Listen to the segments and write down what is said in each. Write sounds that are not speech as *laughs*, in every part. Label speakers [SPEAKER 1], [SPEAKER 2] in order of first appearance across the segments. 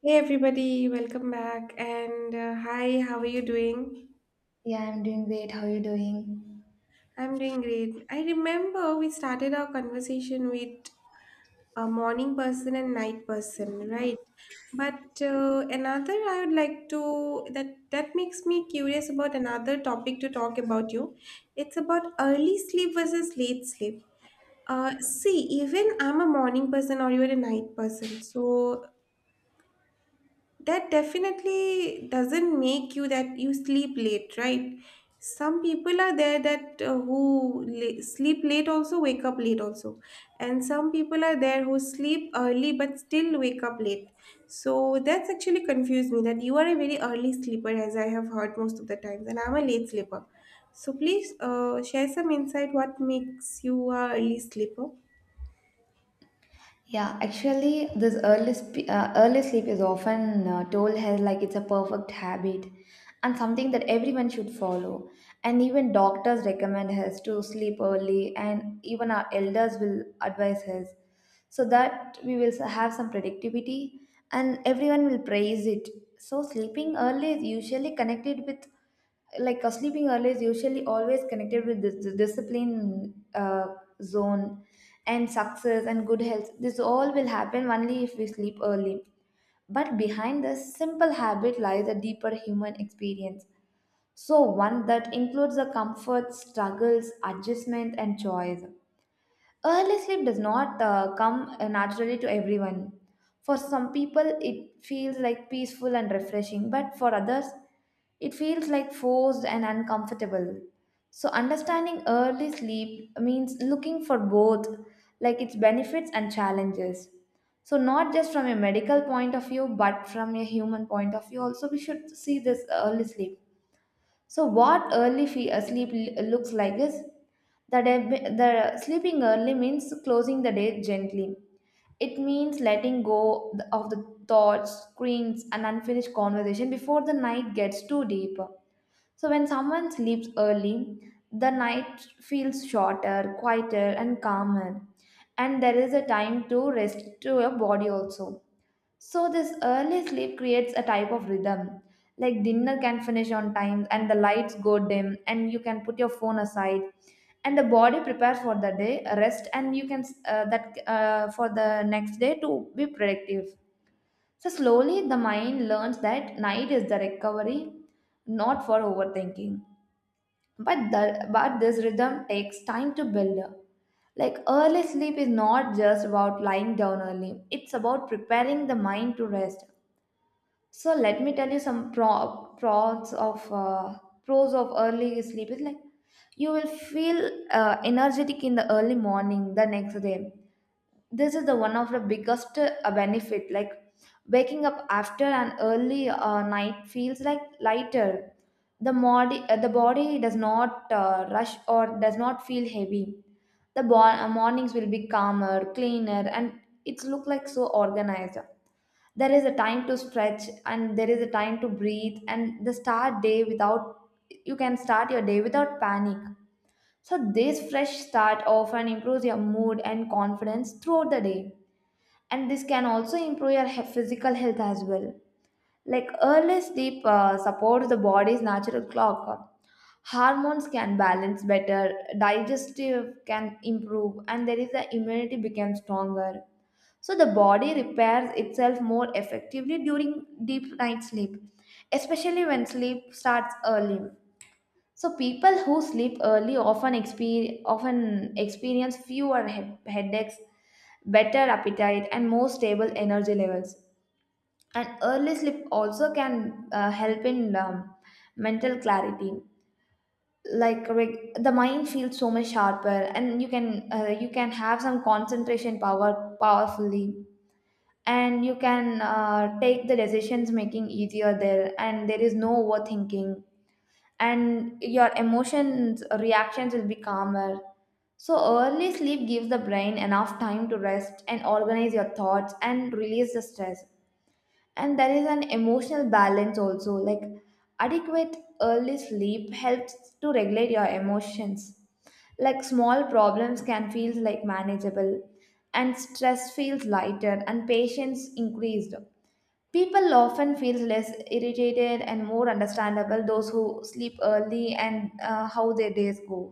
[SPEAKER 1] Hey everybody, welcome back. And hi, how are you doing?
[SPEAKER 2] Yeah, I'm doing great. How are you doing?
[SPEAKER 1] I'm doing great. I remember we started our conversation with a morning person and night person, right? But another I would like to that that makes me curious about another topic to talk about you. It's about early sleep versus late sleep. See, even I'm a morning person or you're a night person. So that definitely doesn't make you that you sleep late, right? Some people are there that who sleep late also wake up late also, and some people are there who sleep early but still wake up late. So that's actually confused me that you are a very early sleeper as I have heard most of the times, and I'm a late sleeper. So please, share some insight what makes you a early sleeper.
[SPEAKER 2] Yeah, actually, this early sleep is often told as like it's a perfect habit, and something that everyone should follow. And even doctors recommend us to sleep early, and even our elders will advise us, so that we will have some productivity and everyone will praise it. So sleeping early is usually connected with, sleeping early is usually always connected with this discipline zone and success and good health. This all will happen only if we sleep early. But behind this simple habit lies a deeper human experience, so one that includes the comfort, struggles, adjustment, and choice. Early sleep does not come naturally to everyone. For some people, it feels like peaceful and refreshing, but for others, it feels like forced and uncomfortable. So, understanding early sleep means looking for both, like its benefits and challenges. So, not just from a medical point of view, but from a human point of view, also, we should see this early sleep. So what early fe- sleep l- looks like is that the sleeping early means closing the day gently. It means letting go of the thoughts, screens, and unfinished conversation before the night gets too deep. So when someone sleeps early, the night feels shorter, quieter, and calmer. And there is a time to rest to your body also. So, this early sleep creates a type of rhythm. Like dinner can finish on time, and the lights go dim, and you can put your phone aside, and the body prepares for the day, rest, and you can that for the next day to be productive. So slowly, the mind learns that night is the recovery, not for overthinking. But this rhythm takes time to build. Like early sleep is not just about lying down early; it's about preparing the mind to rest. So let me tell you some pros of early sleep. Is like you will feel energetic in the early morning the next day. This is the one of the biggest benefit. Like waking up after an early night feels like lighter. The body does not rush or does not feel heavy. Mornings will be calmer, cleaner, and it's look like so organized. There is a time to stretch and there is a time to breathe, and the start day without you can start your day without panic. So this fresh start often improves your mood and confidence throughout the day, and this can also improve your physical health as well. Like early sleep supports the body's natural clock, hormones can balance better, digestive can improve, and there is the immunity becomes stronger. So the body repairs itself more effectively during deep night sleep, especially when sleep starts early. So people who sleep early often experience fewer headaches, better appetite, and more stable energy levels. And early sleep also can help in mental clarity. The mind feels so much sharper, and you can have some concentration power powerfully, and you can take the decisions making easier there, and there is no overthinking, and your emotions reactions will be calmer. So early sleep gives the brain enough time to rest and organize your thoughts and release the stress. And there is an emotional balance also, like adequate early sleep helps to regulate your emotions. Like small problems can feel like manageable, and stress feels lighter, and patience increased. People often feel less irritated and more understandable, those who sleep early, and how their days go.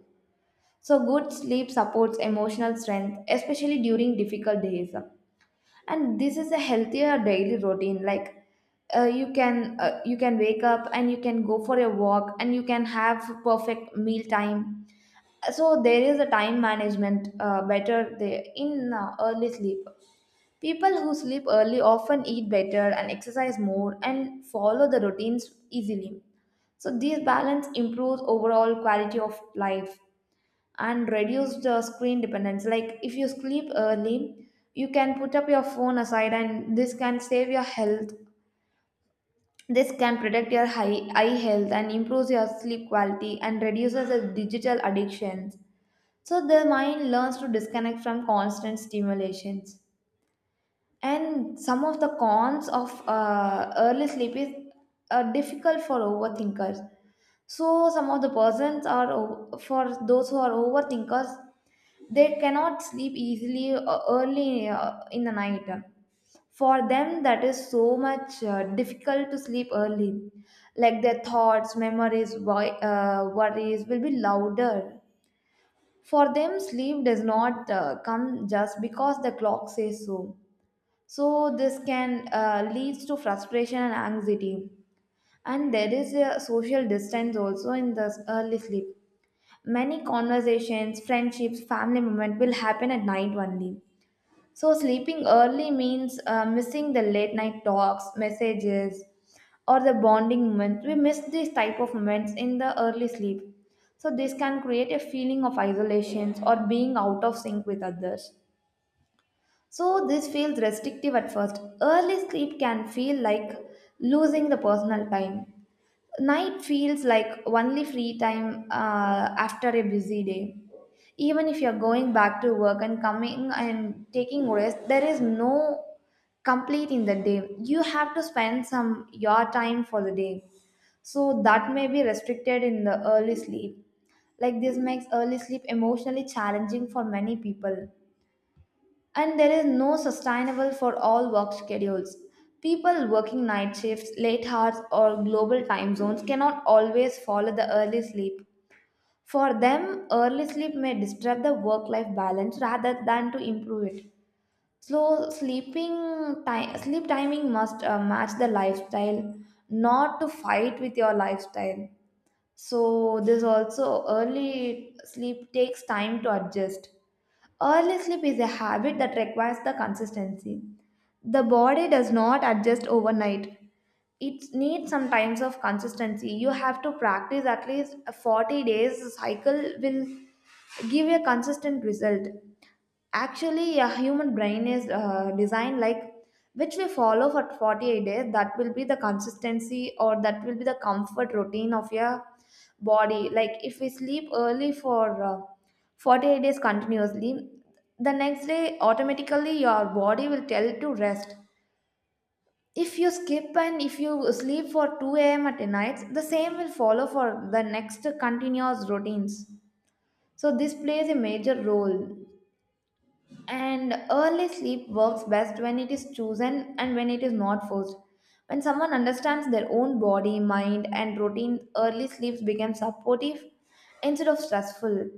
[SPEAKER 2] So good sleep supports emotional strength, especially during difficult days. And this is a healthier daily routine. Like you can wake up and you can go for a walk and you can have perfect meal time. So there is a time management better there in early sleep. People who sleep early often eat better and exercise more and follow the routines easily. So this balance improves overall quality of life, and reduce the screen dependence. Like if you sleep early, you can put up your phone aside, and this can save your health. This can protect your high, eye health, and improves your sleep quality, and reduces the digital addictions. So the mind learns to disconnect from constant stimulations. And some of the cons of early sleep is difficult for overthinkers. So some of the persons are for those who are overthinkers, they cannot sleep easily early in the night. For them, that is so much difficult to sleep early. Like their thoughts, memories, worries will be louder. For them, sleep does not come just because the clock says so. So this can leads to frustration and anxiety. And there is a social distance also in this early sleep. Many conversations, friendships, family moments will happen at night only. So, sleeping early means missing the late night talks, messages, or the bonding moments. We miss these type of moments in the early sleep. So, this can create a feeling of isolation or being out of sync with others. So, this feels restrictive at first. Early sleep can feel like losing the personal time. Night feels like only free time after a busy day. Even if you're going back to work and coming and taking rest, there is no complete in the day. You have to spend some your time for the day. So that may be restricted in the early sleep. Like this makes early sleep emotionally challenging for many people. And there is no sustainable for all work schedules. People working night shifts, late hours, or global time zones cannot always follow the early sleep. For them, early sleep may disturb the work life balance rather than to improve it. So, sleep timing must match the lifestyle, not to fight with your lifestyle. So, this also early sleep takes time to adjust. Early sleep is a habit that requires the consistency. The body does not adjust overnight. It needs some times of consistency. You have to practice at least a 40 days cycle will give a consistent result. Actually, a human brain is designed like which we follow for 48 days. That will be the consistency or that will be the comfort routine of your body. Like if we sleep early for 48 days continuously, the next day automatically your body will tell to rest. If you skip and if you sleep for 2 a.m. at nights, the same will follow for the next continuous routines. So this plays a major role. And early sleep works best when it is chosen and when it is not forced. When someone understands their own body, mind, and routine, early sleeps become supportive instead of stressful.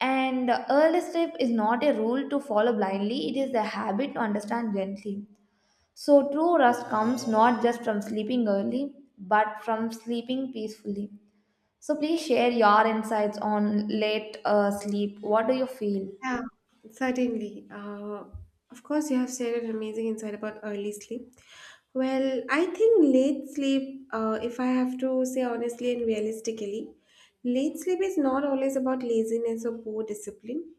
[SPEAKER 2] And early sleep is not a rule to follow blindly, it is a habit to understand gently. So, true rest comes not just from sleeping early, but from sleeping peacefully. So, please share your insights on late sleep. What do you feel?
[SPEAKER 1] Yeah, certainly. Of course, you have shared an amazing insight about early sleep. Well, I think late sleep, if I have to say honestly and realistically, late sleep is not always about laziness or poor discipline.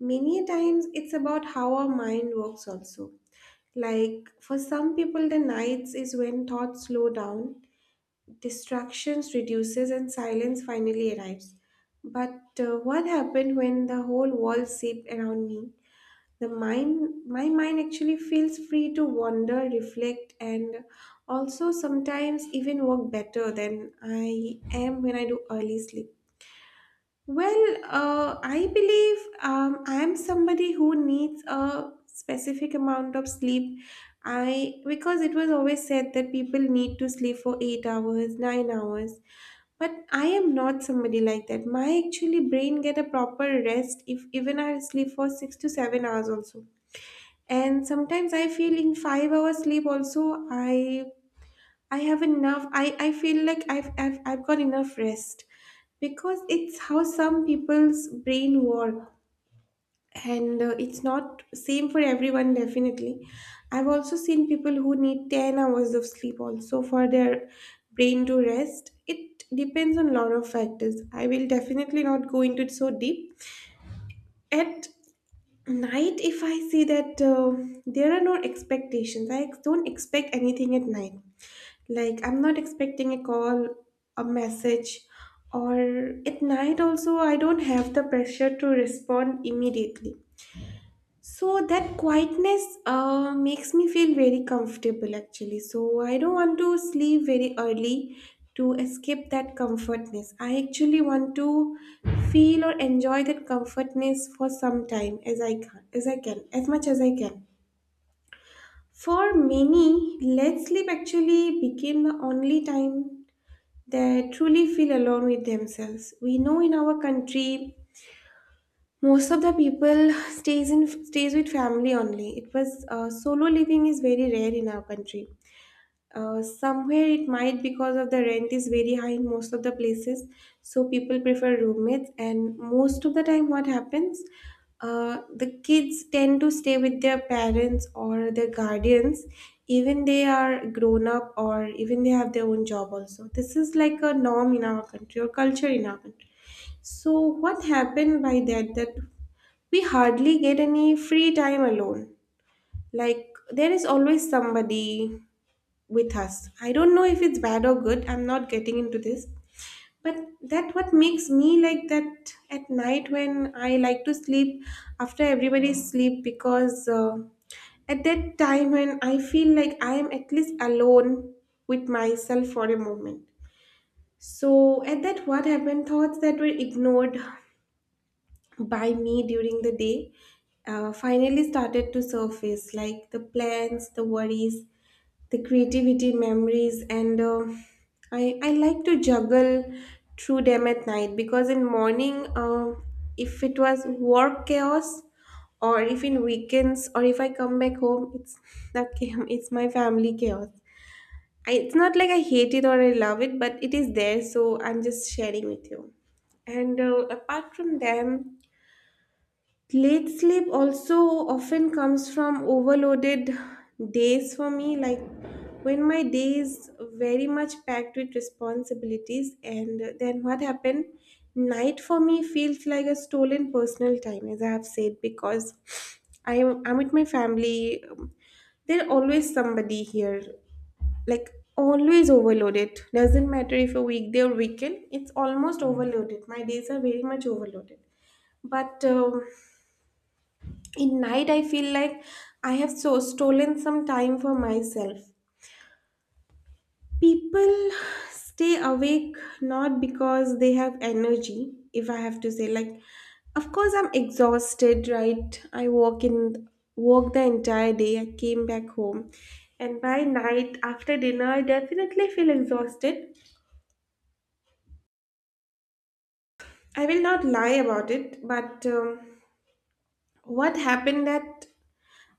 [SPEAKER 1] Many a times, it's about how our mind works also. Like for some people, the nights is when thoughts slow down. Distractions reduces and silence finally arrives. But what happened when the whole world seeped around me? The mind, my mind actually feels free to wander, reflect, and also sometimes even work better than I am when I do early sleep. Well, I believe I'm somebody who needs a specific amount of sleep. I because it was always said that people need to sleep for 8 hours, 9 hours, but I am not somebody like that. My actually brain get a proper rest if even I sleep for 6 to 7 hours also. And sometimes I feel in 5 hours sleep also I have enough. I feel like I've got enough rest because it's how some people's brain work, and it's not same for everyone definitely. I've also seen people who need 10 hours of sleep also for their brain to rest. It depends on lot of factors. I will definitely not go into it so deep. At night if I see that, there are no expectations. I don't expect anything at night. Like, I'm not expecting a call, a message, or at night also, I don't have the pressure to respond immediately. So that quietness makes me feel very comfortable actually. So I don't want to sleep very early to escape that comfortness. I actually want to feel or enjoy that comfortness for some time as I can, as much as I can. For many, let sleep actually became the only time they truly feel alone with themselves. We know in our country most of the people stays with family only. It was, solo living is very rare in our country. Somewhere it might because of the rent is very high in most of the places, so people prefer roommates. And most of the time, what happens, the kids tend to stay with their parents or their guardians, even they are grown up or even they have their own job. Also, this is like a norm in our country or culture in our country. So what happened by that we hardly get any free time alone. Like there is always somebody with us. I don't know if it's bad or good. I'm not getting into this. But that what makes me like that at night when I like to sleep after everybody sleep, because at that time when I feel like I am at least alone with myself for a moment. So at that what happened thoughts that were ignored by me during the day finally started to surface, like the plans, the worries, the creativity memories, and I like to juggle through them at night, because in morning, if it was work chaos or if in weekends or if I come back home, it's *laughs* that chaos, it's my family chaos. I, it's not like I hate it or I love it, but it is there, so I'm just sharing with you. And apart from them, late sleep also often comes from overloaded days for me, like when my day is very much packed with responsibilities, and then what happened? Night for me feels like a stolen personal time, as I have said, because I'm with my family. There's always somebody here, like always overloaded. Doesn't matter if a weekday or weekend, it's almost overloaded. My days are very much overloaded, but in night I feel like I have so stolen some time for myself. People stay awake not because they have energy. If I have to say, like, of course I'm exhausted, right? I walk in, walk the entire day, I came back home, and by night after dinner I definitely feel exhausted. I will not lie about it, but what happened that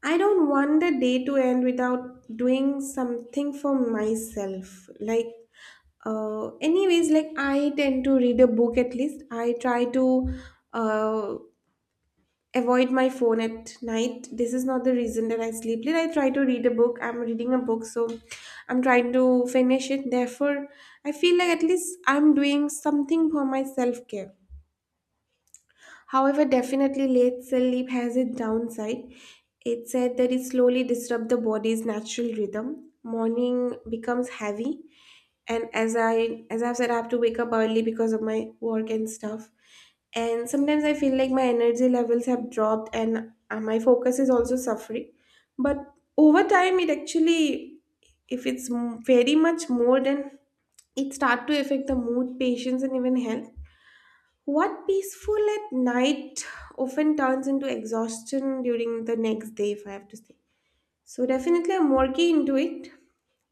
[SPEAKER 1] I don't want the day to end without doing something for myself. Like, anyways, like I tend to read a book at least. I try to uh, avoid my phone at night. This is not the reason that I sleep late. I try to read a book. I'm reading a book, so I'm trying to finish it. Therefore, I feel like at least I'm doing something for my self care. However, definitely late cell sleep has its downside. It said that it slowly disrupts the body's natural rhythm. Morning becomes heavy, and as I've said, I have to wake up early because of my work and stuff. And sometimes I feel like my energy levels have dropped, and my focus is also suffering. But over time, it actually, if it's m- very much more than it start to affect the mood, patience, and even health. What peaceful at night often turns into exhaustion during the next day, if I have to say. So, definitely, I'm working into it.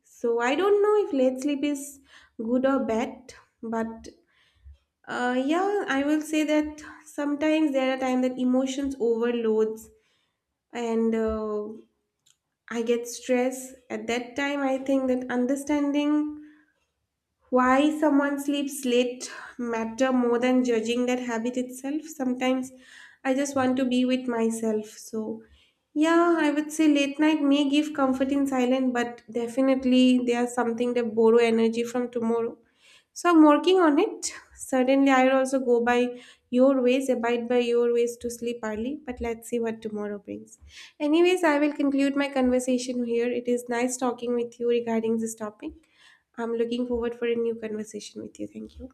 [SPEAKER 1] So, I don't know if late sleep is good or bad, but yeah, I will say that sometimes there are times that emotions overloads, and I get stress. At that time, I think that understanding why someone sleeps late matter more than judging that habit itself. Sometimes I just want to be with myself. So yeah, I would say late night may give comfort in silence, but definitely they are something that borrow energy from tomorrow. So I'm working on it. Certainly, I'll also go by your ways, abide by your ways to sleep early, but let's see what tomorrow brings. Anyways, I will conclude my conversation here. It is nice talking with you regarding this topic. I'm looking forward for a new conversation with you. Thank you.